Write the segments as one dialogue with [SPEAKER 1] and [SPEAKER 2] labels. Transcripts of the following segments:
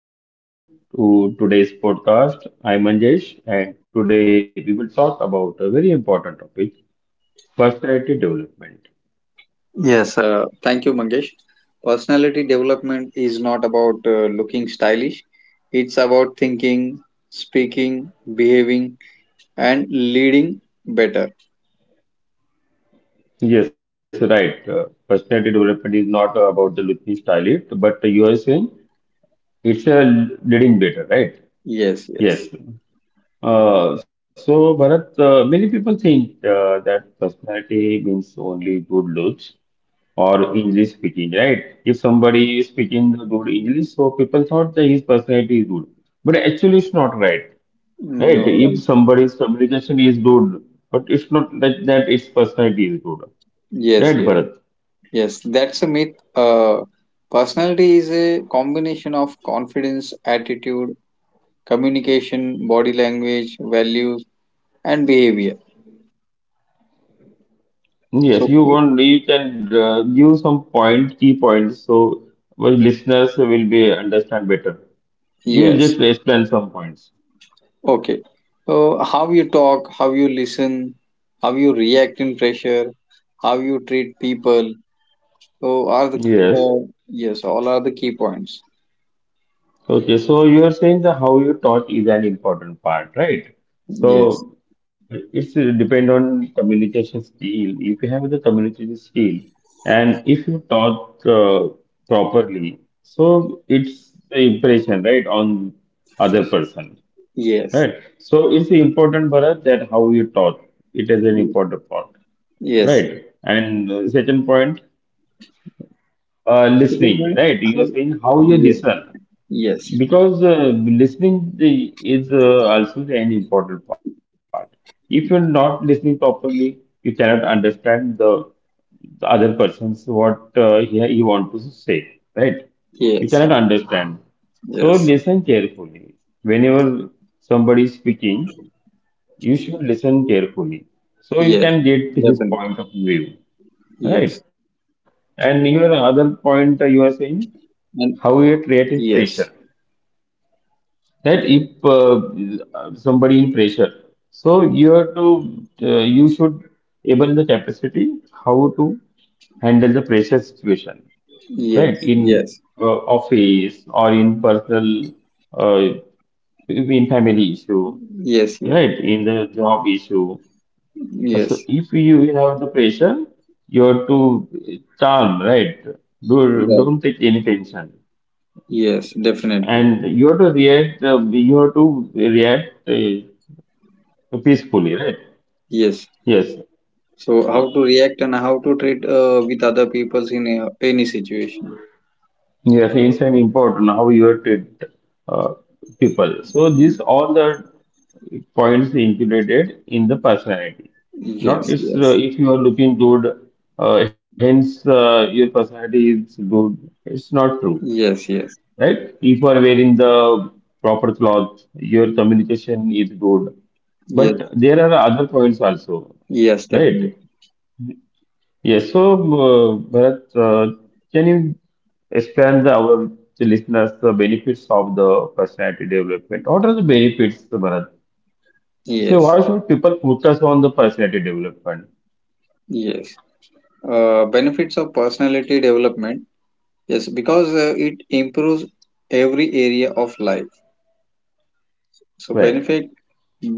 [SPEAKER 1] everyone. Welcome to today's podcast. I'm Manjesh and today we will talk about a very important topic, personality development.
[SPEAKER 2] Yes, thank you, Mangesh. Personality development is not about looking stylish, it's about thinking, speaking, behaving, and leading better.
[SPEAKER 1] Yes, right. Personality development is not about the looking style it, but you are saying it's a leading better, right?
[SPEAKER 2] Yes, yes.
[SPEAKER 1] Yes. So Bharat, many people think that personality means only good looks, or English speaking, right? If somebody is speaking the good English, so people thought that his personality is good. But actually, it's not right, right?
[SPEAKER 2] No,
[SPEAKER 1] If
[SPEAKER 2] right.
[SPEAKER 1] somebody's communication is good, but it's not that, that its personality is good,
[SPEAKER 2] Yes,
[SPEAKER 1] right,
[SPEAKER 2] yes,
[SPEAKER 1] Bharat?
[SPEAKER 2] yes. That's a myth. Personality is a combination of confidence, attitude, communication, body language, values, and behavior. So,
[SPEAKER 1] Yes, you
[SPEAKER 2] ki-
[SPEAKER 1] want you can give some point, key points, so well, listeners will be understand better. You
[SPEAKER 2] yes.
[SPEAKER 1] just explain some points.
[SPEAKER 2] Okay. So, how you talk, how you listen, how you react in pressure, how you treat people. So, are the
[SPEAKER 1] Yes.
[SPEAKER 2] yes, all are the key points.
[SPEAKER 1] Okay, so you are saying that how you taught is an important part, right?
[SPEAKER 2] Yes,
[SPEAKER 1] So it's depend on communication skill. If you have the communication skill and if you taught properly, so it's the impression, right, on other person,
[SPEAKER 2] yes,
[SPEAKER 1] right? So it's important, Bharat, that how you taught. It is an
[SPEAKER 2] y-
[SPEAKER 1] important part,
[SPEAKER 2] yes.
[SPEAKER 1] right? And second point,
[SPEAKER 2] Second
[SPEAKER 1] listening,
[SPEAKER 2] point,
[SPEAKER 1] right? You
[SPEAKER 2] how,
[SPEAKER 1] are saying how you
[SPEAKER 2] ye-
[SPEAKER 1] listen
[SPEAKER 2] yes,
[SPEAKER 1] because listening is also an important part. If you're not listening properly, you cannot understand the other person's what he want to say, right? You
[SPEAKER 2] yes,
[SPEAKER 1] cannot understand.
[SPEAKER 2] yes,
[SPEAKER 1] So listen carefully. Whenever somebody is speaking, you should listen carefully.
[SPEAKER 2] yes,
[SPEAKER 1] So you can get
[SPEAKER 2] definitely,
[SPEAKER 1] his point of view,
[SPEAKER 2] yes,
[SPEAKER 1] right? And your other point you are saying
[SPEAKER 2] and
[SPEAKER 1] how you create
[SPEAKER 2] yes,
[SPEAKER 1] pressure that if somebody in pressure so you have to you should able the capacity how to handle the pressure situation right
[SPEAKER 2] yes,
[SPEAKER 1] in
[SPEAKER 2] yes,
[SPEAKER 1] office or in personal uh, in family issue
[SPEAKER 2] yes, yes,
[SPEAKER 1] right in the job issue so
[SPEAKER 2] yes,
[SPEAKER 1] if you have the pressure you have to calm right Do,
[SPEAKER 2] right,
[SPEAKER 1] don't take any tension
[SPEAKER 2] yes, definitely,
[SPEAKER 1] and you have to react you have to react peacefully, right?
[SPEAKER 2] yes.
[SPEAKER 1] Yes,
[SPEAKER 2] So how to react and how to treat with other peoples in any situation.
[SPEAKER 1] yes, it's an important how you treat uh, people. So this all the points included in the personality.
[SPEAKER 2] Yes,
[SPEAKER 1] Not it's
[SPEAKER 2] yes,
[SPEAKER 1] if you are looking good, hence your personality is good. It's not true,
[SPEAKER 2] yes, yes,
[SPEAKER 1] right? If you are wearing the proper clothes, your communication is good.
[SPEAKER 2] yes,
[SPEAKER 1] But there are other points also,
[SPEAKER 2] yes, definitely.
[SPEAKER 1] right? Yes, so Bharat, can you explain the, our the listeners the benefits of the personality development? What are the benefits, Bharat? So
[SPEAKER 2] Yes,
[SPEAKER 1] why should people focus on the personality development?
[SPEAKER 2] yes. Benefits of personality development. Yes, because it improves every area of life.
[SPEAKER 1] Right.
[SPEAKER 2] So benefit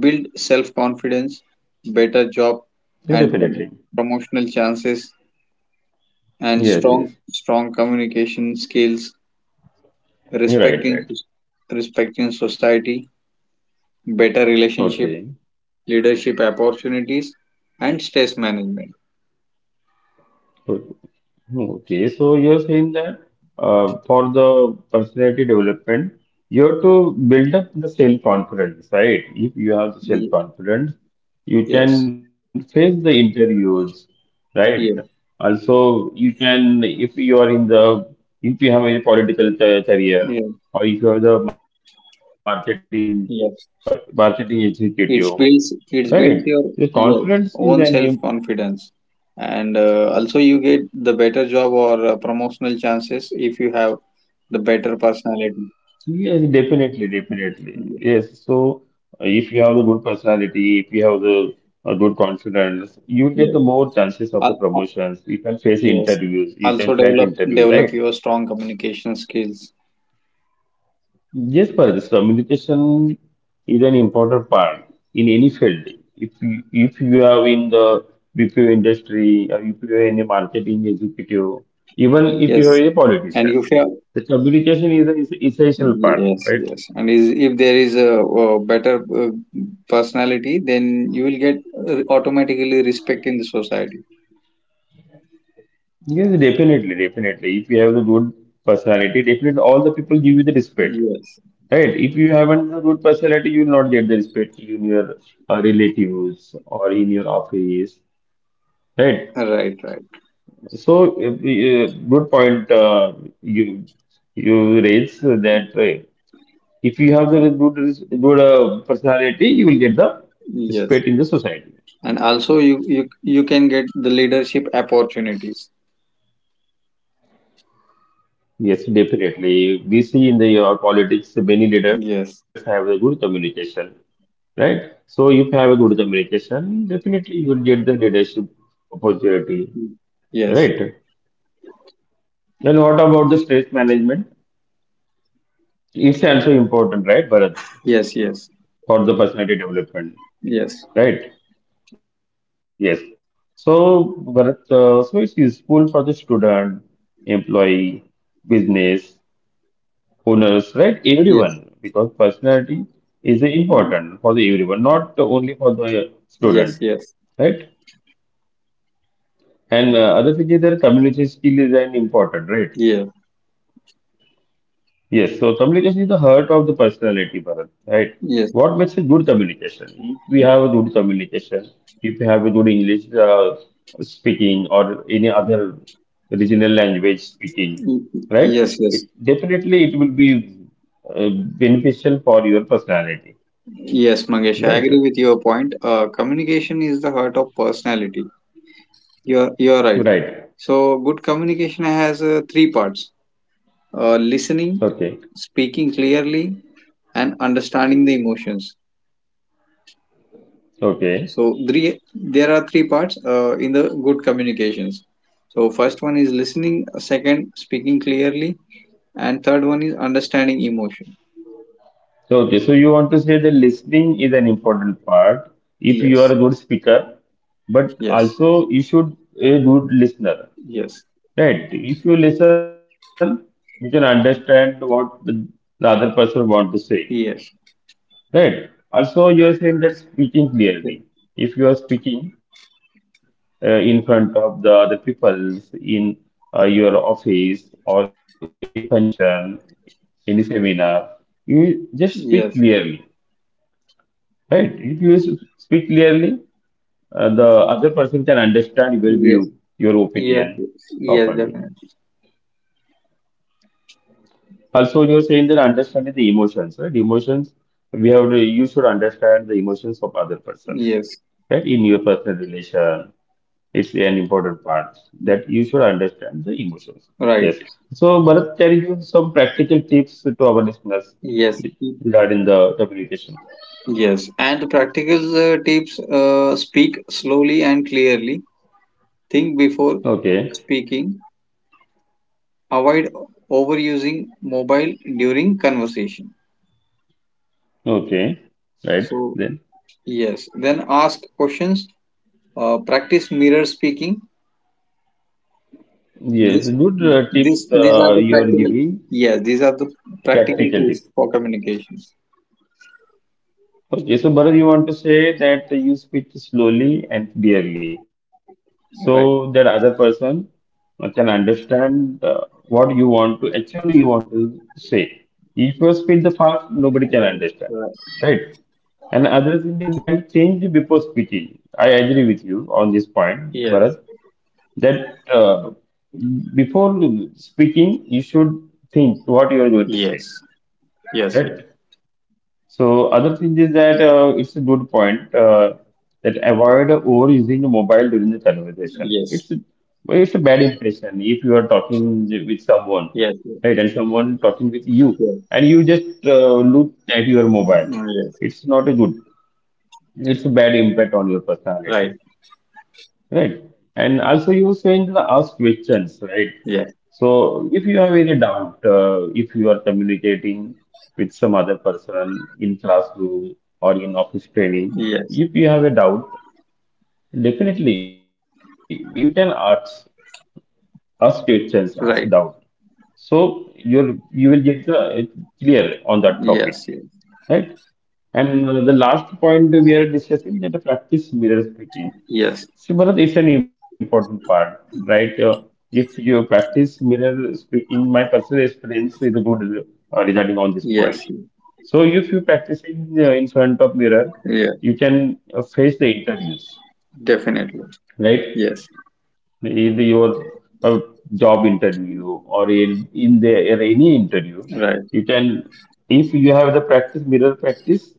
[SPEAKER 2] build self confidence, better job,
[SPEAKER 1] Yeah,
[SPEAKER 2] and
[SPEAKER 1] definitely.
[SPEAKER 2] promotional chances,
[SPEAKER 1] Yes,
[SPEAKER 2] and
[SPEAKER 1] yes.
[SPEAKER 2] strong communication skills,
[SPEAKER 1] You're
[SPEAKER 2] respect
[SPEAKER 1] right,
[SPEAKER 2] in
[SPEAKER 1] right.
[SPEAKER 2] respect in society, better relationship,
[SPEAKER 1] Okay.
[SPEAKER 2] leadership opportunities, and stress management.
[SPEAKER 1] Hmm, okay, so you're saying that for the personality development, you have to build up the self-confidence, right? If you have the
[SPEAKER 2] Y-
[SPEAKER 1] self-confidence, you
[SPEAKER 2] yes,
[SPEAKER 1] can face the interviews, right?
[SPEAKER 2] yes,
[SPEAKER 1] Also, you can, if you are in the, if you have a
[SPEAKER 2] yes,
[SPEAKER 1] career, or if you have the marketing,
[SPEAKER 2] yes.
[SPEAKER 1] marketing executive,
[SPEAKER 2] It builds
[SPEAKER 1] right?
[SPEAKER 2] your
[SPEAKER 1] The
[SPEAKER 2] yes
[SPEAKER 1] confidence is
[SPEAKER 2] own
[SPEAKER 1] an
[SPEAKER 2] self confidence, and also you get the better job or promotional chances if you have the better personality.
[SPEAKER 1] yes, definitely, definitely.
[SPEAKER 2] Yes,
[SPEAKER 1] Yes. So if you have a good personality, if you have the a good confidence, you get
[SPEAKER 2] yes.
[SPEAKER 1] the more chances of the
[SPEAKER 2] Al- al-
[SPEAKER 1] promotions. You can face
[SPEAKER 2] yes.
[SPEAKER 1] interviews, you can
[SPEAKER 2] Also
[SPEAKER 1] crack
[SPEAKER 2] develop
[SPEAKER 1] interviews, right?
[SPEAKER 2] develop your strong communication skills.
[SPEAKER 1] Yes, Paras, communication is an important part in any field. If you are in the BPO industry, or if you are in a marketing executive, even if you are
[SPEAKER 2] Yes,
[SPEAKER 1] a
[SPEAKER 2] and
[SPEAKER 1] politician,
[SPEAKER 2] if you
[SPEAKER 1] the communication is an essential part,
[SPEAKER 2] yes,
[SPEAKER 1] right?
[SPEAKER 2] yes. And is, if there is a, better personality, then you will get automatically respect in the society.
[SPEAKER 1] Yes, definitely, definitely. If you have the good personality, definitely all the people give you the respect,
[SPEAKER 2] Yes.
[SPEAKER 1] right? If you haven't the good personality, you will not get the respect in your relatives or in your office, right?
[SPEAKER 2] Right, right.
[SPEAKER 1] So, good point you you raise that if you have the good personality, you will get the
[SPEAKER 2] Yes.
[SPEAKER 1] respect in the society.
[SPEAKER 2] And also you can get the leadership opportunities.
[SPEAKER 1] Yes, definitely. We see in the your politics many leaders
[SPEAKER 2] Yes.
[SPEAKER 1] have a good communication, right? So if you have a good communication, definitely you will get the leadership opportunity,
[SPEAKER 2] Yes.
[SPEAKER 1] right? And what about the stress management? It's also important, right, Bharat,
[SPEAKER 2] Yes, yes.
[SPEAKER 1] for the personality development,
[SPEAKER 2] Yes.
[SPEAKER 1] right? Yes. So Bharat, so it's useful for the student, employee, business, owners, right?
[SPEAKER 2] Yes.
[SPEAKER 1] Everyone, because personality is important for the everyone, not only for the
[SPEAKER 2] Yes,
[SPEAKER 1] student,
[SPEAKER 2] yes.
[SPEAKER 1] right? And other thing is that communication skill is an important, right?
[SPEAKER 2] Yeah.
[SPEAKER 1] Yes, so communication is the heart of the personality, Bharat, right?
[SPEAKER 2] Yes.
[SPEAKER 1] What makes a good communication? If we have a good communication, if we have a good English speaking or any other regional language speaking,
[SPEAKER 2] Y-
[SPEAKER 1] right?
[SPEAKER 2] yes,
[SPEAKER 1] It
[SPEAKER 2] yes.
[SPEAKER 1] definitely it will be uh, beneficial for your personality,
[SPEAKER 2] Yes, Mangesh, I agree
[SPEAKER 1] right?
[SPEAKER 2] with your point. Communication is the heart of personality. You're right.
[SPEAKER 1] Right.
[SPEAKER 2] So good communication has three parts: listening,
[SPEAKER 1] Okay.
[SPEAKER 2] speaking clearly, and understanding the emotions.
[SPEAKER 1] Okay.
[SPEAKER 2] So three there are three parts in the good communications. So first one is listening, second speaking clearly, and third one is understanding emotion.
[SPEAKER 1] So, okay, so you want to say the listening is an important part if you
[SPEAKER 2] Yes,
[SPEAKER 1] are a good speaker, but
[SPEAKER 2] yes,
[SPEAKER 1] also you should a good listener,
[SPEAKER 2] yes,
[SPEAKER 1] right? If you listen, you can understand what the other person want to say,
[SPEAKER 2] yes,
[SPEAKER 1] right? Also, you are saying that speaking clearly.
[SPEAKER 2] ye-
[SPEAKER 1] If you are speaking in front of the other people in your office or any function, any seminar, you just speak clearly.
[SPEAKER 2] yes,
[SPEAKER 1] Right. If you speak clearly, the other person can understand your view, your
[SPEAKER 2] yes,
[SPEAKER 1] opinion
[SPEAKER 2] yes, yes,
[SPEAKER 1] properly.
[SPEAKER 2] yes, definitely.
[SPEAKER 1] Also, you're saying that understanding the emotions, right? Emotions, we have to, you should understand the emotions of other persons,
[SPEAKER 2] Yes,
[SPEAKER 1] right? In your personal relation, it's an important part that you should understand the emotions.
[SPEAKER 2] right.
[SPEAKER 1] Yes. So, Bharat, can you give some practical tips to our listeners
[SPEAKER 2] Yes,
[SPEAKER 1] regarding the communication?
[SPEAKER 2] yes, and practical tips speak slowly and clearly, think before
[SPEAKER 1] Okay.
[SPEAKER 2] speaking, avoid overusing mobile during conversation.
[SPEAKER 1] Okay. Right.
[SPEAKER 2] So,
[SPEAKER 1] Then.
[SPEAKER 2] yes, then ask questions, practice mirror speaking.
[SPEAKER 1] Yes,
[SPEAKER 2] This,
[SPEAKER 1] good tips
[SPEAKER 2] these are the
[SPEAKER 1] you are
[SPEAKER 2] practical,
[SPEAKER 1] giving,
[SPEAKER 2] yes, these are the practical tools
[SPEAKER 1] practical
[SPEAKER 2] for
[SPEAKER 1] tip.
[SPEAKER 2] communication.
[SPEAKER 1] Okay, so Bharat, you want to say that you speak slowly and clearly so that
[SPEAKER 2] Right,
[SPEAKER 1] other person can understand what you want to actually you want to say. If you speak the fast, nobody can
[SPEAKER 2] right,
[SPEAKER 1] understand,
[SPEAKER 2] right.
[SPEAKER 1] right? And other thing is that change before speaking. I agree with you on this point,
[SPEAKER 2] Yes,
[SPEAKER 1] Bharat, that before speaking, you should think what you are going to say.
[SPEAKER 2] yes, yes, yes,
[SPEAKER 1] Right. So other thing is that it's a good point that avoid overusing the mobile during the conversation.
[SPEAKER 2] yes,
[SPEAKER 1] It's well, it's a bad impression if you are talking with someone,
[SPEAKER 2] yes, yes,
[SPEAKER 1] right, and someone talking with you,
[SPEAKER 2] yes,
[SPEAKER 1] and you just look at your mobile.
[SPEAKER 2] mm, yes.
[SPEAKER 1] It's not a good. It's a bad impact on your personality.
[SPEAKER 2] Right.
[SPEAKER 1] Right. And also you saying the ask questions, right?
[SPEAKER 2] Yeah.
[SPEAKER 1] So if you have any doubt, if you are communicating with some other person in classroom or in office training,
[SPEAKER 2] Yes,
[SPEAKER 1] if you have a doubt, definitely you can ask questions, ask
[SPEAKER 2] right.
[SPEAKER 1] doubt. So you will get the clear on that topic,
[SPEAKER 2] Yes, yes,
[SPEAKER 1] right? And the last point we are discussing that the practice mirror speaking.
[SPEAKER 2] yes,
[SPEAKER 1] Sivarat it's an important part, right? If you practice mirror speaking, my personal experience is a good regarding on this point.
[SPEAKER 2] yes,
[SPEAKER 1] So if you practice in front of mirror,
[SPEAKER 2] yeah,
[SPEAKER 1] you can face the interviews,
[SPEAKER 2] definitely.
[SPEAKER 1] right?
[SPEAKER 2] Yes,
[SPEAKER 1] In your uh, job interview or in the in any interview,
[SPEAKER 2] right.
[SPEAKER 1] you can if you have the practice mirror practice,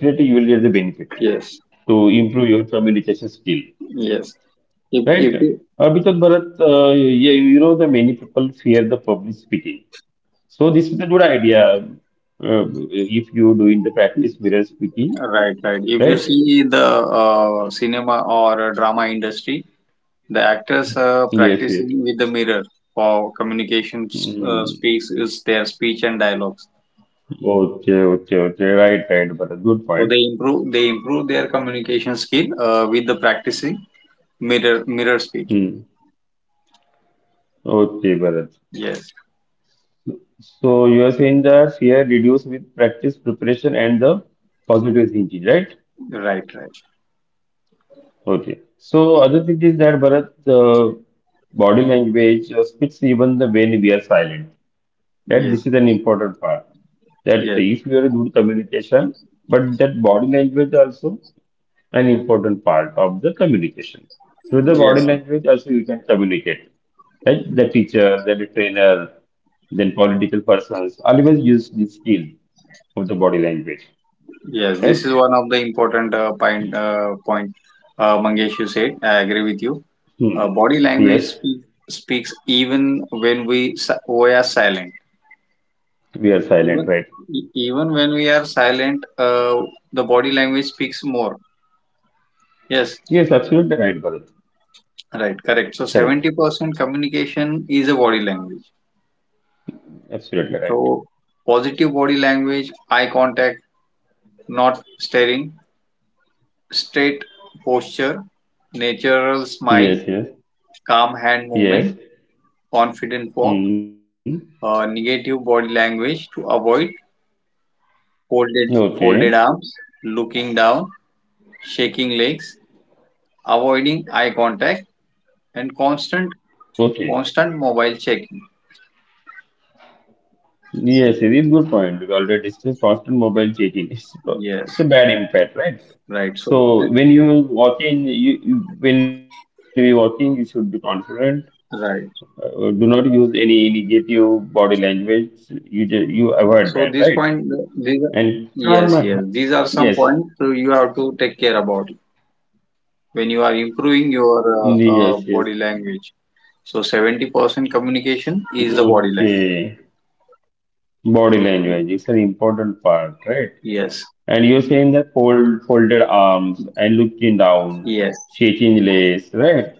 [SPEAKER 1] definitely you will get the benefit
[SPEAKER 2] Yes,
[SPEAKER 1] to improve your communication skill.
[SPEAKER 2] yes. If
[SPEAKER 1] Right?
[SPEAKER 2] if you
[SPEAKER 1] Because Bharat, yeah, you know the many people fear the public speaking. So this is a good idea. Uh, if you do in the practice mirror speaking,
[SPEAKER 2] right, right. If you
[SPEAKER 1] right?
[SPEAKER 2] see the cinema or drama industry, the actors are
[SPEAKER 1] Yes, yes.
[SPEAKER 2] practicing with the mirror for communication
[SPEAKER 1] Mm.
[SPEAKER 2] speaks is their speech and dialogues.
[SPEAKER 1] Okay, okay, okay. Right, right, Bharat. Good
[SPEAKER 2] So
[SPEAKER 1] point.
[SPEAKER 2] they improve their communication skill with the practicing mirror speaking.
[SPEAKER 1] Hmm. Okay, Bharat.
[SPEAKER 2] Yes,
[SPEAKER 1] So you are saying that fear reduce with practice, preparation, and the positive thinking, right?
[SPEAKER 2] right, right.
[SPEAKER 1] Okay. So other thing is that Bharat, body language speaks even the when we are silent. That
[SPEAKER 2] Yes,
[SPEAKER 1] this is an important part. That
[SPEAKER 2] yes,
[SPEAKER 1] if you are good communication, but that body language also an important part of the communication. Through the body
[SPEAKER 2] yes,
[SPEAKER 1] language also you can communicate. Right? The teacher, then the trainer, then political persons always use this skill of the body language.
[SPEAKER 2] yes, this
[SPEAKER 1] Right?
[SPEAKER 2] is one of the important point, point Mangesh, you said. I agree with you.
[SPEAKER 1] Hmm.
[SPEAKER 2] Body language
[SPEAKER 1] Yes,
[SPEAKER 2] speak, speaks even when we, we are silent.
[SPEAKER 1] we are silent,
[SPEAKER 2] Even
[SPEAKER 1] right?
[SPEAKER 2] even when we are silent, the body language speaks more. Yes,
[SPEAKER 1] Yes, absolutely right, Bharat.
[SPEAKER 2] right, correct. So
[SPEAKER 1] Correct.
[SPEAKER 2] 70% communication is a body language.
[SPEAKER 1] Absolutely right.
[SPEAKER 2] So positive body language, eye contact, not staring, straight posture, natural smile,
[SPEAKER 1] Yes, yes,
[SPEAKER 2] calm hand
[SPEAKER 1] yes.
[SPEAKER 2] movement, confident walk,
[SPEAKER 1] Hmm.
[SPEAKER 2] negative body language to avoid
[SPEAKER 1] Okay,
[SPEAKER 2] folded arms, looking down, shaking legs, avoiding eye contact, and
[SPEAKER 1] okay.
[SPEAKER 2] constant mobile checking.
[SPEAKER 1] Yes,
[SPEAKER 2] So,
[SPEAKER 1] it is good point. We already discussed constant mobile checking.
[SPEAKER 2] yes,
[SPEAKER 1] It's a bad impact, right?
[SPEAKER 2] right.
[SPEAKER 1] So
[SPEAKER 2] Th-
[SPEAKER 1] when you walk in, you when we walk in, you should be confident.
[SPEAKER 2] right.
[SPEAKER 1] Do not use any negative body language. You you avoid that, right?
[SPEAKER 2] So this point, these
[SPEAKER 1] And
[SPEAKER 2] are-
[SPEAKER 1] calm.
[SPEAKER 2] yes, yes. These are
[SPEAKER 1] Yes,
[SPEAKER 2] some points so you have to take care about when you are improving your
[SPEAKER 1] yes, yes.
[SPEAKER 2] body language. So 70% communication is the body
[SPEAKER 1] Okay. Body
[SPEAKER 2] language.
[SPEAKER 1] language. Is an important part, right?
[SPEAKER 2] Yes,
[SPEAKER 1] And you're saying that folded arms and looking down,
[SPEAKER 2] yes,
[SPEAKER 1] shaking legs, right?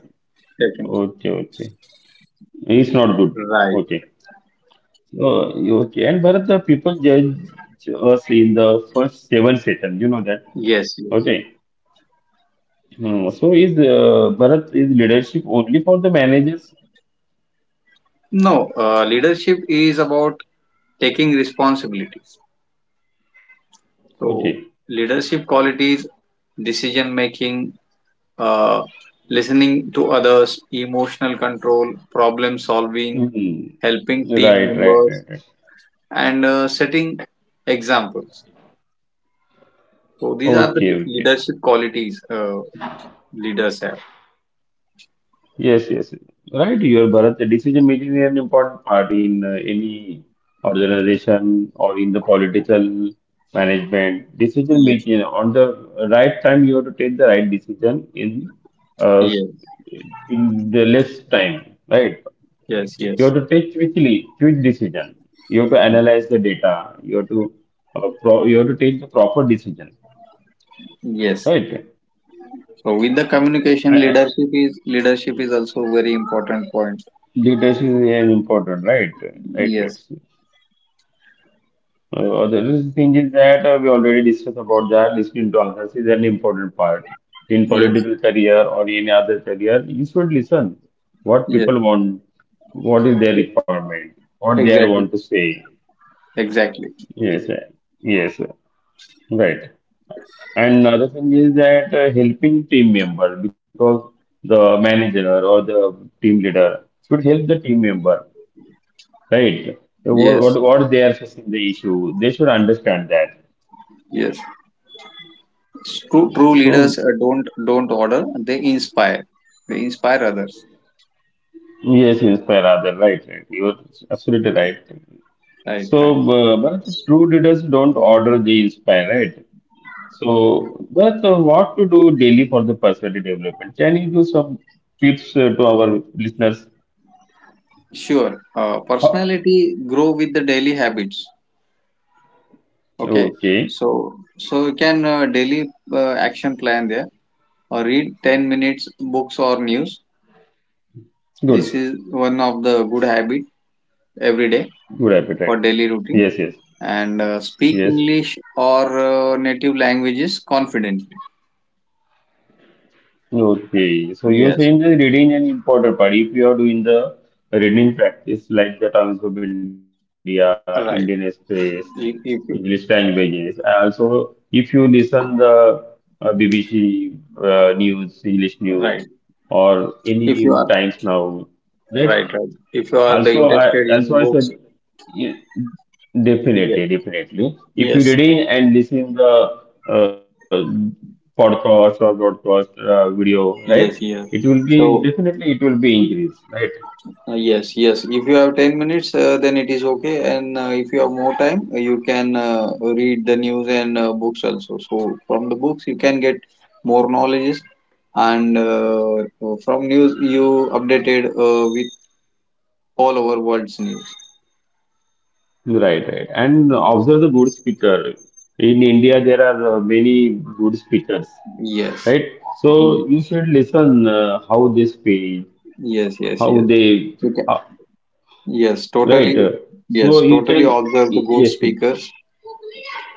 [SPEAKER 2] definitely.
[SPEAKER 1] Okay, okay. It's not good.
[SPEAKER 2] Right.
[SPEAKER 1] Okay. So, you- okay. And Bharat, the people judge us in the first 7 seconds. You know that.
[SPEAKER 2] Yes, yes.
[SPEAKER 1] Okay. Hmm. So, is Bharat is leadership only for the managers?
[SPEAKER 2] No, leadership is about taking responsibility. So,
[SPEAKER 1] Okay.
[SPEAKER 2] leadership qualities, decision making, uh, listening to others, emotional control, problem solving,
[SPEAKER 1] Hmm.
[SPEAKER 2] helping team
[SPEAKER 1] Right, right,
[SPEAKER 2] members,
[SPEAKER 1] right, right.
[SPEAKER 2] and setting examples. So, these are the
[SPEAKER 1] Okay, okay.
[SPEAKER 2] leadership qualities leaders have.
[SPEAKER 1] Yes, yes. Right, your Bharat. The decision making is an important part in any organization or in the political management. Decision
[SPEAKER 2] Yes,
[SPEAKER 1] making on the right time, you have to take the right decision uh,
[SPEAKER 2] yes,
[SPEAKER 1] in the less time, right?
[SPEAKER 2] yes,
[SPEAKER 1] You
[SPEAKER 2] yes,
[SPEAKER 1] have to take quickly, quick decision. You have to analyze the data. You have to pro you have to take the proper decision,
[SPEAKER 2] yes.
[SPEAKER 1] right?
[SPEAKER 2] So, with the communication,
[SPEAKER 1] Uh, uh,
[SPEAKER 2] leadership is also very important point.
[SPEAKER 1] Leadership is an important, right? Right.
[SPEAKER 2] Yes,
[SPEAKER 1] It's the other thing is that we already discussed about that listening to others is an important part. In
[SPEAKER 2] yes,
[SPEAKER 1] political career or any other career, you should listen what
[SPEAKER 2] yes.
[SPEAKER 1] people want, what is their requirement, what they want to
[SPEAKER 2] Exactly,
[SPEAKER 1] say.
[SPEAKER 2] exactly.
[SPEAKER 1] Yes, uh, yes, uh, right. And another thing is that helping team member, because the manager or the team leader should help the team member, right? So, What what
[SPEAKER 2] Yes,
[SPEAKER 1] what they are facing the issue, they should understand that.
[SPEAKER 2] yes. True,
[SPEAKER 1] Okay. So,
[SPEAKER 2] leaders don't order. They inspire. They inspire others.
[SPEAKER 1] yes, inspire other, right, right. You're absolutely right.
[SPEAKER 2] Right, right.
[SPEAKER 1] So, but true leaders don't order, they inspire, right? So, but what to do daily for the personality development? Can you give some tips to our listeners?
[SPEAKER 2] Sure.
[SPEAKER 1] Ho-
[SPEAKER 2] Personality grow with the daily habits. Okay.
[SPEAKER 1] Okay,
[SPEAKER 2] So so you can daily action plan there or read 10 minutes books or news.
[SPEAKER 1] good,
[SPEAKER 2] This is one of the good habit every day,
[SPEAKER 1] good appetite.
[SPEAKER 2] for daily
[SPEAKER 1] Yes,
[SPEAKER 2] routine,
[SPEAKER 1] yes,
[SPEAKER 2] and speak
[SPEAKER 1] yes.
[SPEAKER 2] English or native languages confidently.
[SPEAKER 1] Okay, so you're
[SPEAKER 2] Yes,
[SPEAKER 1] saying the reading an important part. If you are doing the reading practice like the Times of India, Indian
[SPEAKER 2] right.
[SPEAKER 1] Express,
[SPEAKER 2] If
[SPEAKER 1] English
[SPEAKER 2] you,
[SPEAKER 1] languages, also if you listen the BBC news, English
[SPEAKER 2] right.
[SPEAKER 1] news, or
[SPEAKER 2] If you are,
[SPEAKER 1] any Times Now,
[SPEAKER 2] right,
[SPEAKER 1] right?
[SPEAKER 2] right. If you are the
[SPEAKER 1] Also,
[SPEAKER 2] interested
[SPEAKER 1] I
[SPEAKER 2] in books,
[SPEAKER 1] also I said yeah,
[SPEAKER 2] yes,
[SPEAKER 1] definitely, definitely.
[SPEAKER 2] yes,
[SPEAKER 1] If you reading and listen the podcast or broadcast video,
[SPEAKER 2] yes,
[SPEAKER 1] right?
[SPEAKER 2] yes.
[SPEAKER 1] It will be
[SPEAKER 2] So
[SPEAKER 1] definitely it will be increased, right?
[SPEAKER 2] Yes, yes. If you have 10 minutes, then it is okay. And if you have more time, you can read the news and books also. So from the books, you can get more knowledges. And from news, you updated with all over world's news.
[SPEAKER 1] Right, right. And observe the good speaker. In India, there are many good speakers,
[SPEAKER 2] Yes,
[SPEAKER 1] right? So you should listen how they speak,
[SPEAKER 2] yes, yes,
[SPEAKER 1] how
[SPEAKER 2] yes.
[SPEAKER 1] they,
[SPEAKER 2] You can,
[SPEAKER 1] uh,
[SPEAKER 2] yes, totally.
[SPEAKER 1] right? So
[SPEAKER 2] Yes,
[SPEAKER 1] you can,
[SPEAKER 2] totally observe the good
[SPEAKER 1] yes,
[SPEAKER 2] speakers.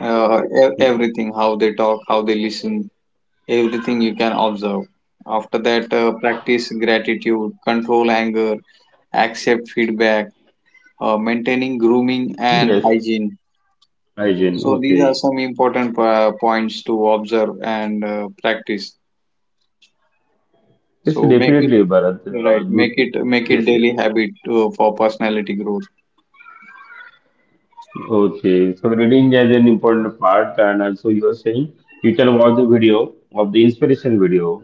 [SPEAKER 2] Everything, how they talk, how they listen, everything you can observe. After that, practice gratitude, control anger, accept feedback, maintaining grooming and
[SPEAKER 1] yes.
[SPEAKER 2] hygiene.
[SPEAKER 1] Hygiene,
[SPEAKER 2] So, these are
[SPEAKER 1] okay.
[SPEAKER 2] some important points to observe and practice.
[SPEAKER 1] Yes,
[SPEAKER 2] So, make it
[SPEAKER 1] definitely, Bharat.
[SPEAKER 2] right,
[SPEAKER 1] Good.
[SPEAKER 2] make it make
[SPEAKER 1] Yes,
[SPEAKER 2] it
[SPEAKER 1] yes.
[SPEAKER 2] daily habit for personality growth.
[SPEAKER 1] Okay, so reading is an important part, and also you are saying you tell about the video of the inspiration video,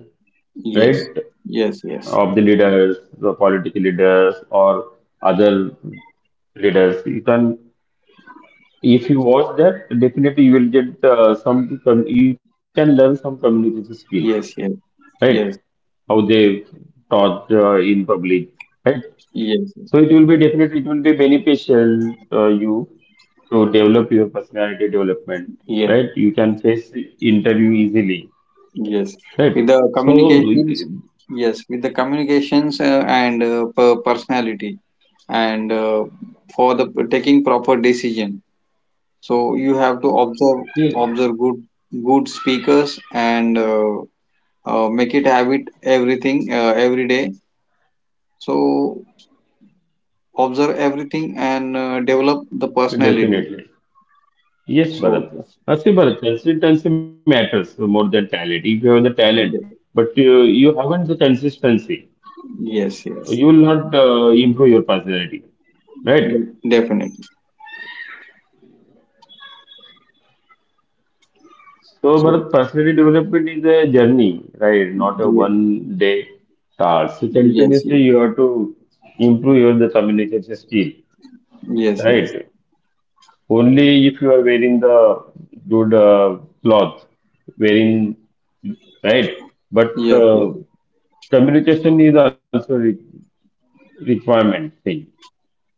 [SPEAKER 2] Yes,
[SPEAKER 1] right?
[SPEAKER 2] yes, yes,
[SPEAKER 1] Of the leaders, the political leaders, or other leaders. You can, if you watch that, definitely you will get you can learn some communication skill,
[SPEAKER 2] yes, yes,
[SPEAKER 1] right?
[SPEAKER 2] yes,
[SPEAKER 1] How they talk in public, right?
[SPEAKER 2] yes,
[SPEAKER 1] So it will be definitely it will be beneficial you to develop your personality development,
[SPEAKER 2] yes,
[SPEAKER 1] right? You can face the interview easily,
[SPEAKER 2] yes.
[SPEAKER 1] right?
[SPEAKER 2] With the
[SPEAKER 1] So
[SPEAKER 2] communications, yes, with the communications and per- personality, and for the taking proper decision, so you have to observe
[SPEAKER 1] yeah,
[SPEAKER 2] good speakers, and make it habit everything every day, so observe everything and develop the personality.
[SPEAKER 1] definitely. Yes,
[SPEAKER 2] So
[SPEAKER 1] Bharat. See, Bharat, consistency matters more than talent. If you have the talent,
[SPEAKER 2] de-
[SPEAKER 1] but you haven't the consistency,
[SPEAKER 2] yes,
[SPEAKER 1] you
[SPEAKER 2] yes,
[SPEAKER 1] will not improve your personality, right?
[SPEAKER 2] definitely.
[SPEAKER 1] So,
[SPEAKER 2] So,
[SPEAKER 1] but personality development is a journey, right? Not a
[SPEAKER 2] yeah,
[SPEAKER 1] 1 day task. So,
[SPEAKER 2] yes,
[SPEAKER 1] continuously
[SPEAKER 2] yes,
[SPEAKER 1] you have to improve your the communication skill,
[SPEAKER 2] yes, yes,
[SPEAKER 1] right? Only if you are wearing the good cloth, wearing, right? But
[SPEAKER 2] yes, yes,
[SPEAKER 1] communication is also re requirement thing.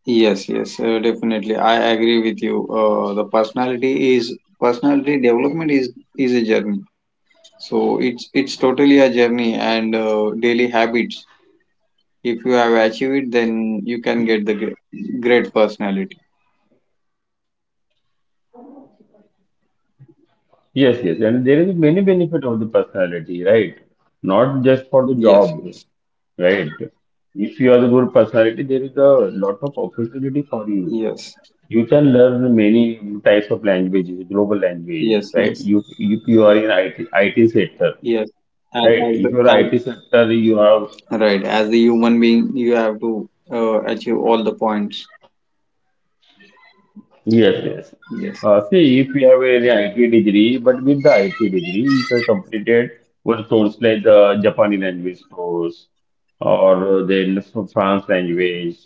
[SPEAKER 2] yes, yes, definitely. I agree with you. The personality is personality development is a journey. So it's totally a journey and daily habits. If you have achieved it, then you can get the great personality.
[SPEAKER 1] Yes, yes, and there is many benefit of the personality, right? Not just for the
[SPEAKER 2] Yes,
[SPEAKER 1] job,
[SPEAKER 2] yes,
[SPEAKER 1] right? If you are the good personality, there is a lot of opportunity for you.
[SPEAKER 2] yes,
[SPEAKER 1] You can learn many types of languages, global languages,
[SPEAKER 2] yes,
[SPEAKER 1] right?
[SPEAKER 2] yes,
[SPEAKER 1] You if you are in I T sector,
[SPEAKER 2] yes. And
[SPEAKER 1] right?
[SPEAKER 2] As
[SPEAKER 1] If you are
[SPEAKER 2] the
[SPEAKER 1] IT sector, you have,
[SPEAKER 2] as, right, as the human being, you have to achieve all the points.
[SPEAKER 1] yes, yes.
[SPEAKER 2] Yes,
[SPEAKER 1] See, if you have an IT degree, but with the IT degree, if you completed one course like the Japanese language course or then French language,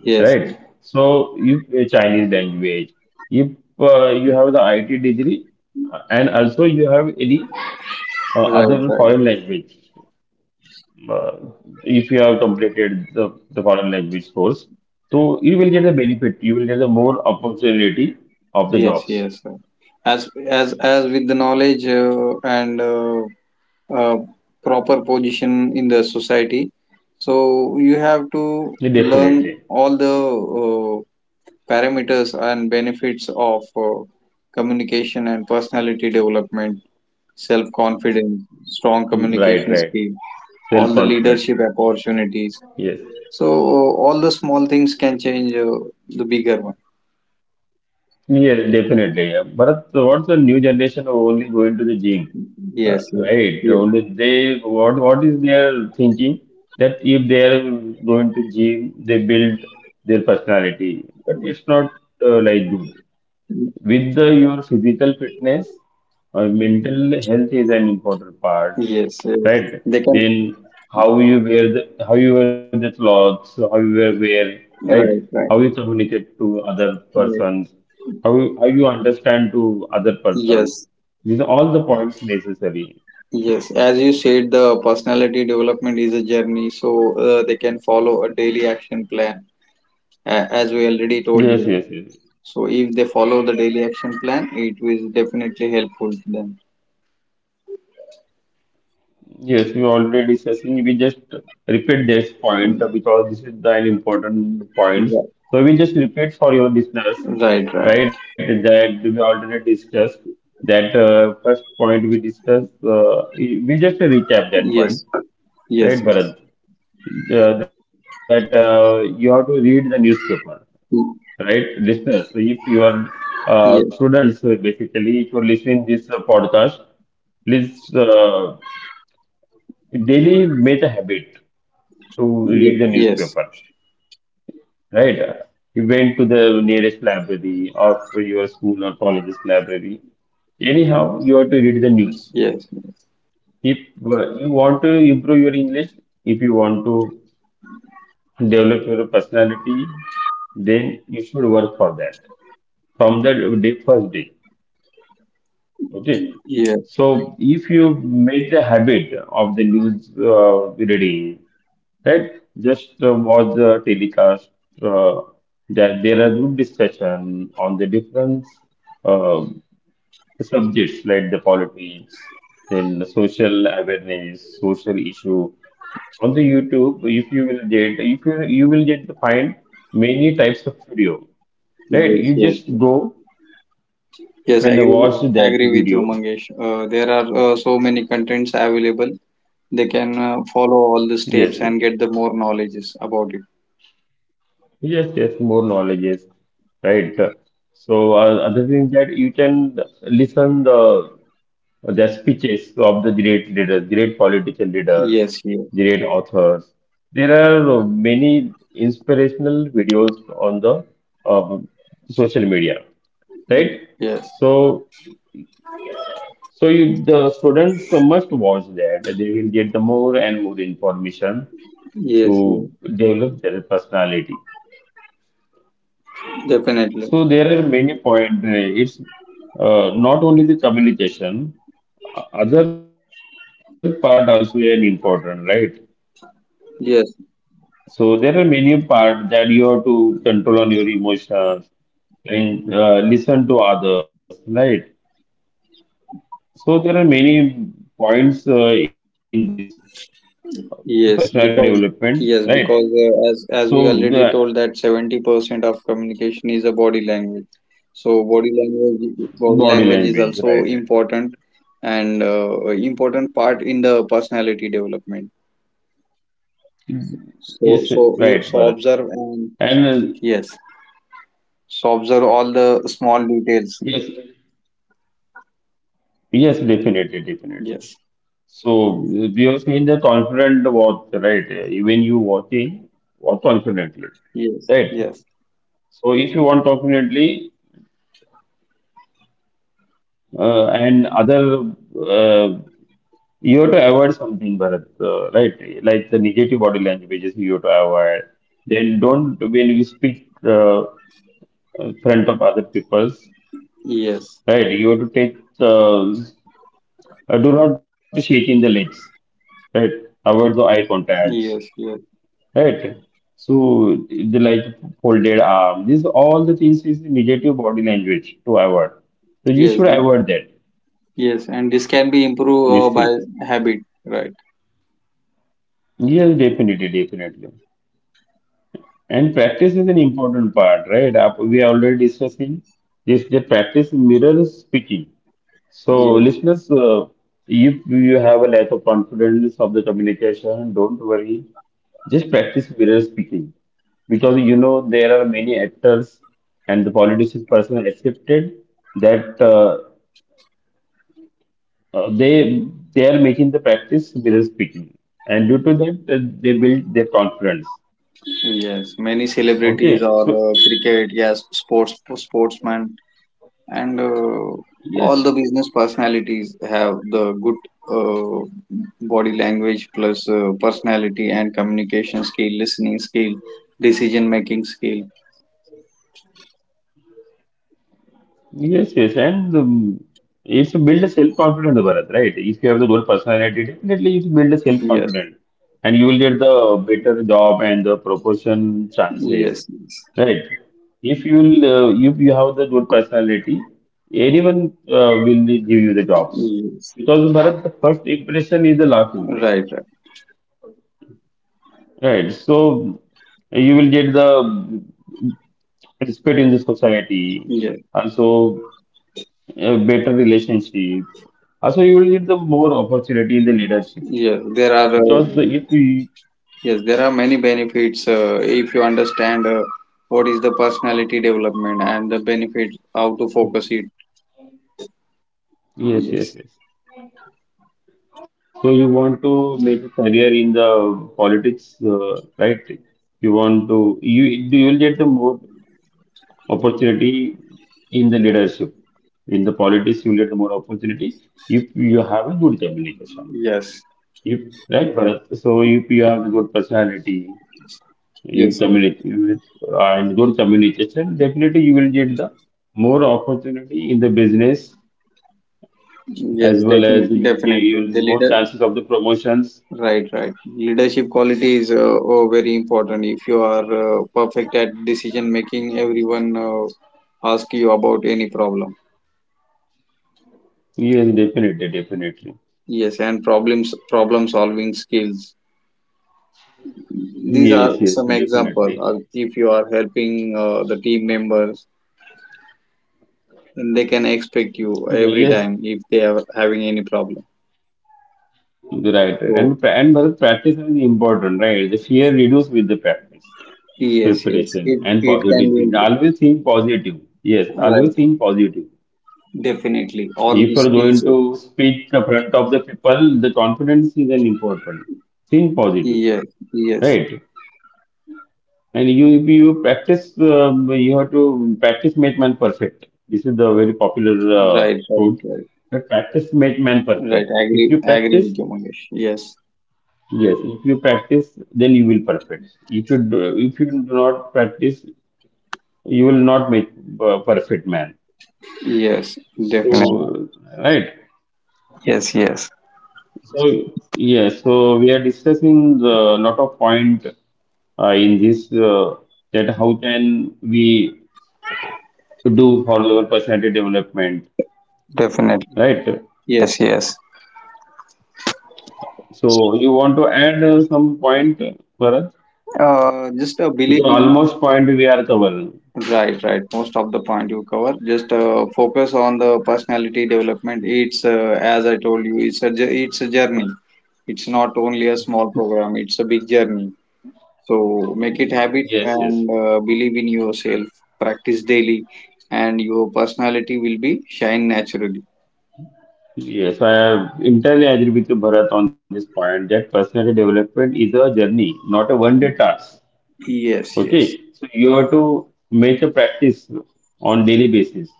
[SPEAKER 2] yes,
[SPEAKER 1] right? So, if a Chinese language, if you have the IT degree and also you have any other
[SPEAKER 2] right,
[SPEAKER 1] foreign
[SPEAKER 2] right.
[SPEAKER 1] language, uh, if you have completed the foreign language course, so you will get the benefit, you will get the more opportunity of the
[SPEAKER 2] Yes,
[SPEAKER 1] jobs.
[SPEAKER 2] yes. Sir. As with the knowledge and uh, proper position in the society. So you have
[SPEAKER 1] Yeah,
[SPEAKER 2] to
[SPEAKER 1] definitely.
[SPEAKER 2] learn all the uh, parameters and benefits of communication and personality development, self confidence,
[SPEAKER 1] Mm,
[SPEAKER 2] strong
[SPEAKER 1] right, right.
[SPEAKER 2] communication skill, all the
[SPEAKER 1] Self-confident.
[SPEAKER 2] leadership opportunities.
[SPEAKER 1] Yes.
[SPEAKER 2] So all the small things can change the bigger one.
[SPEAKER 1] Yes, definitely. Bharat, so what's the new generation who only going to the gym?
[SPEAKER 2] Yes, yes,
[SPEAKER 1] Right.
[SPEAKER 2] yes,
[SPEAKER 1] Only they, what is their thinking that if they are going to gym, they build their personality. But it's not like good. With the your physical fitness or mental health is an important part,
[SPEAKER 2] yes, yes.
[SPEAKER 1] right?
[SPEAKER 2] They can.
[SPEAKER 1] Then how you wear the clothes, so wear, right?
[SPEAKER 2] Right,
[SPEAKER 1] How
[SPEAKER 2] right,
[SPEAKER 1] you communicate to other
[SPEAKER 2] right.
[SPEAKER 1] persons, how how you understand to other
[SPEAKER 2] Yes.
[SPEAKER 1] person, these are all the points necessary.
[SPEAKER 2] Yes, as you said, the personality development is a journey, so they can follow a daily action plan, as we already told you.
[SPEAKER 1] Yes, yes, yes.
[SPEAKER 2] So, if they follow the daily action plan, it will definitely helpful to them.
[SPEAKER 1] Yes, we already discussing. We just repeat this point because this is the an important
[SPEAKER 2] Ri-
[SPEAKER 1] point. So we just repeat for your listeners,
[SPEAKER 2] Right, right.
[SPEAKER 1] right? That we already discussed. That first point we discussed. We just recap
[SPEAKER 2] Yes,
[SPEAKER 1] that point,
[SPEAKER 2] yes, yes,
[SPEAKER 1] right, Bharat? That you have to read the newspaper,
[SPEAKER 2] Y-
[SPEAKER 1] right, listeners? So if you are
[SPEAKER 2] yes,
[SPEAKER 1] students, basically, if you're listening this podcast, please daily make a habit to read the
[SPEAKER 2] yes,
[SPEAKER 1] newspaper, right? You went to the nearest library or for your school or college's library. Anyhow, you have to read the news.
[SPEAKER 2] yes, yes,
[SPEAKER 1] If you want to improve your English, if you want to develop your personality, then you should work for that from the day, first day. Okay.
[SPEAKER 2] yes,
[SPEAKER 1] So if you make the habit of the news reading, right? Just watch the telecast. Uh, there are group discussion on the different uh, subjects like the politics, then the social awareness, social issue. On the YouTube, if you will get to find many types of video. Right?
[SPEAKER 2] yes,
[SPEAKER 1] You
[SPEAKER 2] yes.
[SPEAKER 1] just go and
[SPEAKER 2] Yes,
[SPEAKER 1] watch that
[SPEAKER 2] I agree with you,
[SPEAKER 1] video.
[SPEAKER 2] Mangesh. There are so many contents available. They can follow all the
[SPEAKER 1] Yes,
[SPEAKER 2] steps
[SPEAKER 1] yes,
[SPEAKER 2] and get the more knowledges about it.
[SPEAKER 1] yes, yes. More knowledge is right. So other thing that you can listen the or the speeches of the great leaders, great political leaders,
[SPEAKER 2] Yes, yes,
[SPEAKER 1] great authors. There are many inspirational videos on the um, social media,
[SPEAKER 2] mm,
[SPEAKER 1] right?
[SPEAKER 2] yes,
[SPEAKER 1] So, so you, the students must watch that. They will get the more and more information
[SPEAKER 2] yes, yes,
[SPEAKER 1] to develop their personality.
[SPEAKER 2] definitely.
[SPEAKER 1] So there are many points. It's not only the communication, other part also an important, right?
[SPEAKER 2] Yes,
[SPEAKER 1] So there are many parts that you have to control on your emotions and listen to others, right? So there are many points in this personality
[SPEAKER 2] yes,
[SPEAKER 1] development,
[SPEAKER 2] because
[SPEAKER 1] right?
[SPEAKER 2] yes, because as
[SPEAKER 1] So
[SPEAKER 2] as
[SPEAKER 1] the
[SPEAKER 2] we already told that 70% of communication is a body language. So
[SPEAKER 1] body
[SPEAKER 2] body language
[SPEAKER 1] language,
[SPEAKER 2] is
[SPEAKER 1] right?
[SPEAKER 2] also
[SPEAKER 1] Right.
[SPEAKER 2] important and important part in the personality development. So
[SPEAKER 1] Yes,
[SPEAKER 2] so you
[SPEAKER 1] right,
[SPEAKER 2] so
[SPEAKER 1] Bharat.
[SPEAKER 2] observe and
[SPEAKER 1] And
[SPEAKER 2] yes, so observe all the small details.
[SPEAKER 1] yes, yes, definitely, definitely.
[SPEAKER 2] Yes,
[SPEAKER 1] So we have seen the confident walk, right? Even you walking, walk confidently,
[SPEAKER 2] yes,
[SPEAKER 1] right?
[SPEAKER 2] yes,
[SPEAKER 1] So if you want confidently, and other uh, you have to avoid something, Bharat, right, like the negative body languages you have to avoid. Then don't, when you speak in front of other people's,
[SPEAKER 2] yes,
[SPEAKER 1] right, you have to take do not shake in the legs, right, avoid the eye contacts,
[SPEAKER 2] yes, yes,
[SPEAKER 1] right. So the like folded arm, these all the things is negative body language to avoid, so you
[SPEAKER 2] yes.
[SPEAKER 1] should avoid that,
[SPEAKER 2] Yes, and this can be improved
[SPEAKER 1] these
[SPEAKER 2] by
[SPEAKER 1] things.
[SPEAKER 2] habit, right?
[SPEAKER 1] Yes, definitely, definitely. And practice is an important part, right? We are already discussing this, the practice mirrors speaking. So,
[SPEAKER 2] Yes,
[SPEAKER 1] listeners, if you have a lack of confidence of the communication, don't worry. Just practice mirror speaking. Because you know there are many actors and the politician person accepted that uh, they they are making the practice mirror speaking, and due to that they build their confidence.
[SPEAKER 2] yes. Many celebrities or
[SPEAKER 1] Okay, so
[SPEAKER 2] cricket, yes, sportsmen, and all the
[SPEAKER 1] yes,
[SPEAKER 2] business personalities have the good uh, body language plus personality and communication skill, listening skill, decision making skill.
[SPEAKER 1] yes, yes, and it's to build a self-confidence, Bharat, right? If you have the good personality, definitely you build a self-confidence, and
[SPEAKER 2] Yes,
[SPEAKER 1] you will get the better job and the proportion chances,
[SPEAKER 2] yes,
[SPEAKER 1] right?
[SPEAKER 2] yes,
[SPEAKER 1] If you have the good personality, anyone will give you the jobs,
[SPEAKER 2] yes.
[SPEAKER 1] because Bharat, the first impression is the last impression,
[SPEAKER 2] Right, right.
[SPEAKER 1] right? So you will get the respect in the society,
[SPEAKER 2] Yes,
[SPEAKER 1] also a better relationship. Also, you will get the more opportunity in the leadership
[SPEAKER 2] yes. There are
[SPEAKER 1] because if you,
[SPEAKER 2] yes, there are many benefits if you understand what is the personality development and the benefit, how to focus it. Yes,
[SPEAKER 1] yes, yes, yes. So you want to make a career in the politics, right? You want to you will get the more opportunity in the leadership. In the politics, you will get the more opportunity if you have a good communication.
[SPEAKER 2] yes,
[SPEAKER 1] If Right, Bharat. So if you have a good personality, you
[SPEAKER 2] yes,
[SPEAKER 1] communicate with and good communication, definitely you will get the more opportunity in the business,
[SPEAKER 2] yes,
[SPEAKER 1] as well as you will get
[SPEAKER 2] definitely. The
[SPEAKER 1] even more
[SPEAKER 2] leader,
[SPEAKER 1] chances of the promotions.
[SPEAKER 2] right, right. Leadership quality is oh, very important. If you are perfect at decision making, everyone ask you about any problem.
[SPEAKER 1] Yes, definitely, definitely.
[SPEAKER 2] Yes, and problem solving skills. These are
[SPEAKER 1] Yes,
[SPEAKER 2] some
[SPEAKER 1] yes,
[SPEAKER 2] example.
[SPEAKER 1] definitely.
[SPEAKER 2] If you are helping the team members, and they can expect you every
[SPEAKER 1] Yes,
[SPEAKER 2] time if they are having any problem.
[SPEAKER 1] right.
[SPEAKER 2] So
[SPEAKER 1] And but practice is important, right? The fear reduce with the practice,
[SPEAKER 2] yes, yes,
[SPEAKER 1] preparation, and
[SPEAKER 2] it
[SPEAKER 1] positive
[SPEAKER 2] can be
[SPEAKER 1] thinking.
[SPEAKER 2] improved.
[SPEAKER 1] Always think positive. Yes, always
[SPEAKER 2] Right,
[SPEAKER 1] think positive. If
[SPEAKER 2] definitely.
[SPEAKER 1] you're going
[SPEAKER 2] All the
[SPEAKER 1] to
[SPEAKER 2] skills.
[SPEAKER 1] speak in front of the people, the confidence is an important. Think positive,
[SPEAKER 2] Yes, yes.
[SPEAKER 1] right? And you, if you practice, you have to practice make man perfect. This is the very popular
[SPEAKER 2] Right, right,
[SPEAKER 1] quote.
[SPEAKER 2] right.
[SPEAKER 1] But practice make man
[SPEAKER 2] Right.
[SPEAKER 1] perfect. If
[SPEAKER 2] Agree,
[SPEAKER 1] you practice,
[SPEAKER 2] with you, Mangesh. Yes,
[SPEAKER 1] yes. If you practice, then you will perfect. If you do not practice, you will not make perfect man.
[SPEAKER 2] yes, definitely.
[SPEAKER 1] So, right.
[SPEAKER 2] Yes, yes,
[SPEAKER 1] So yes, so we are discussing a lot of point in this that how can we do for our personality development,
[SPEAKER 2] definitely.
[SPEAKER 1] right?
[SPEAKER 2] Yes, yes.
[SPEAKER 1] So you want to add some point for us
[SPEAKER 2] Just believe
[SPEAKER 1] because
[SPEAKER 2] in.
[SPEAKER 1] almost point we are covering.
[SPEAKER 2] Right, right. Most of the point you cover. Just focus on the personality development. It's as I told you. It's a it's a journey. It's not only a small program, it's a big journey. So make it habit
[SPEAKER 1] Yes,
[SPEAKER 2] and
[SPEAKER 1] yes.
[SPEAKER 2] believe in yourself. Practice daily and your personality will be shine naturally.
[SPEAKER 1] Yes, I entirely agree with you, Bharat, on this point that personality development is a journey, not a one-day task.
[SPEAKER 2] Yes,
[SPEAKER 1] Okay,
[SPEAKER 2] yes.
[SPEAKER 1] so you have to make a practice on daily basis.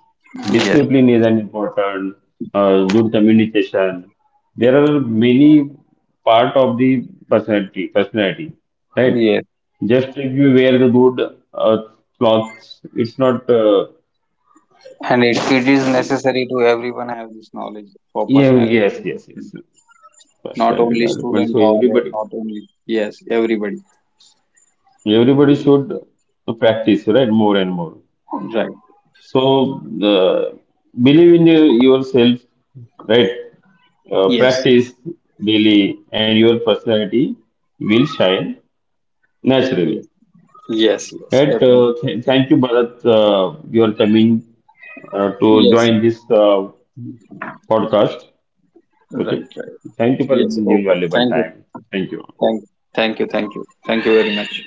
[SPEAKER 2] Yes,
[SPEAKER 1] Discipline is an important, good communication. There are many part of the personality, right?
[SPEAKER 2] yes.
[SPEAKER 1] Just if you wear the good clothes, it's not.
[SPEAKER 2] And it is
[SPEAKER 1] Y-
[SPEAKER 2] necessary to everyone have this knowledge for personality
[SPEAKER 1] yes, yes,
[SPEAKER 2] development.
[SPEAKER 1] yes.
[SPEAKER 2] Not
[SPEAKER 1] Personality
[SPEAKER 2] only
[SPEAKER 1] development. So
[SPEAKER 2] student or
[SPEAKER 1] everybody,
[SPEAKER 2] not only yes, everybody.
[SPEAKER 1] everybody should practice, right? More and more.
[SPEAKER 2] Right.
[SPEAKER 1] So, uh, believe in yourself, right?
[SPEAKER 2] Yes.
[SPEAKER 1] Practice daily, and your personality will shine naturally.
[SPEAKER 2] Yes. Yes, yes,
[SPEAKER 1] Right?
[SPEAKER 2] definitely.
[SPEAKER 1] Thank you, Bharat. You are coming to
[SPEAKER 2] Yes.
[SPEAKER 1] join this podcast.
[SPEAKER 2] Right,
[SPEAKER 1] Okay.
[SPEAKER 2] right.
[SPEAKER 1] Thank you for
[SPEAKER 2] Yes.
[SPEAKER 1] giving
[SPEAKER 2] Okay.
[SPEAKER 1] valuable
[SPEAKER 2] Thank you.
[SPEAKER 1] time. Thank you.
[SPEAKER 2] Thank, thank you, thank you, thank you very much.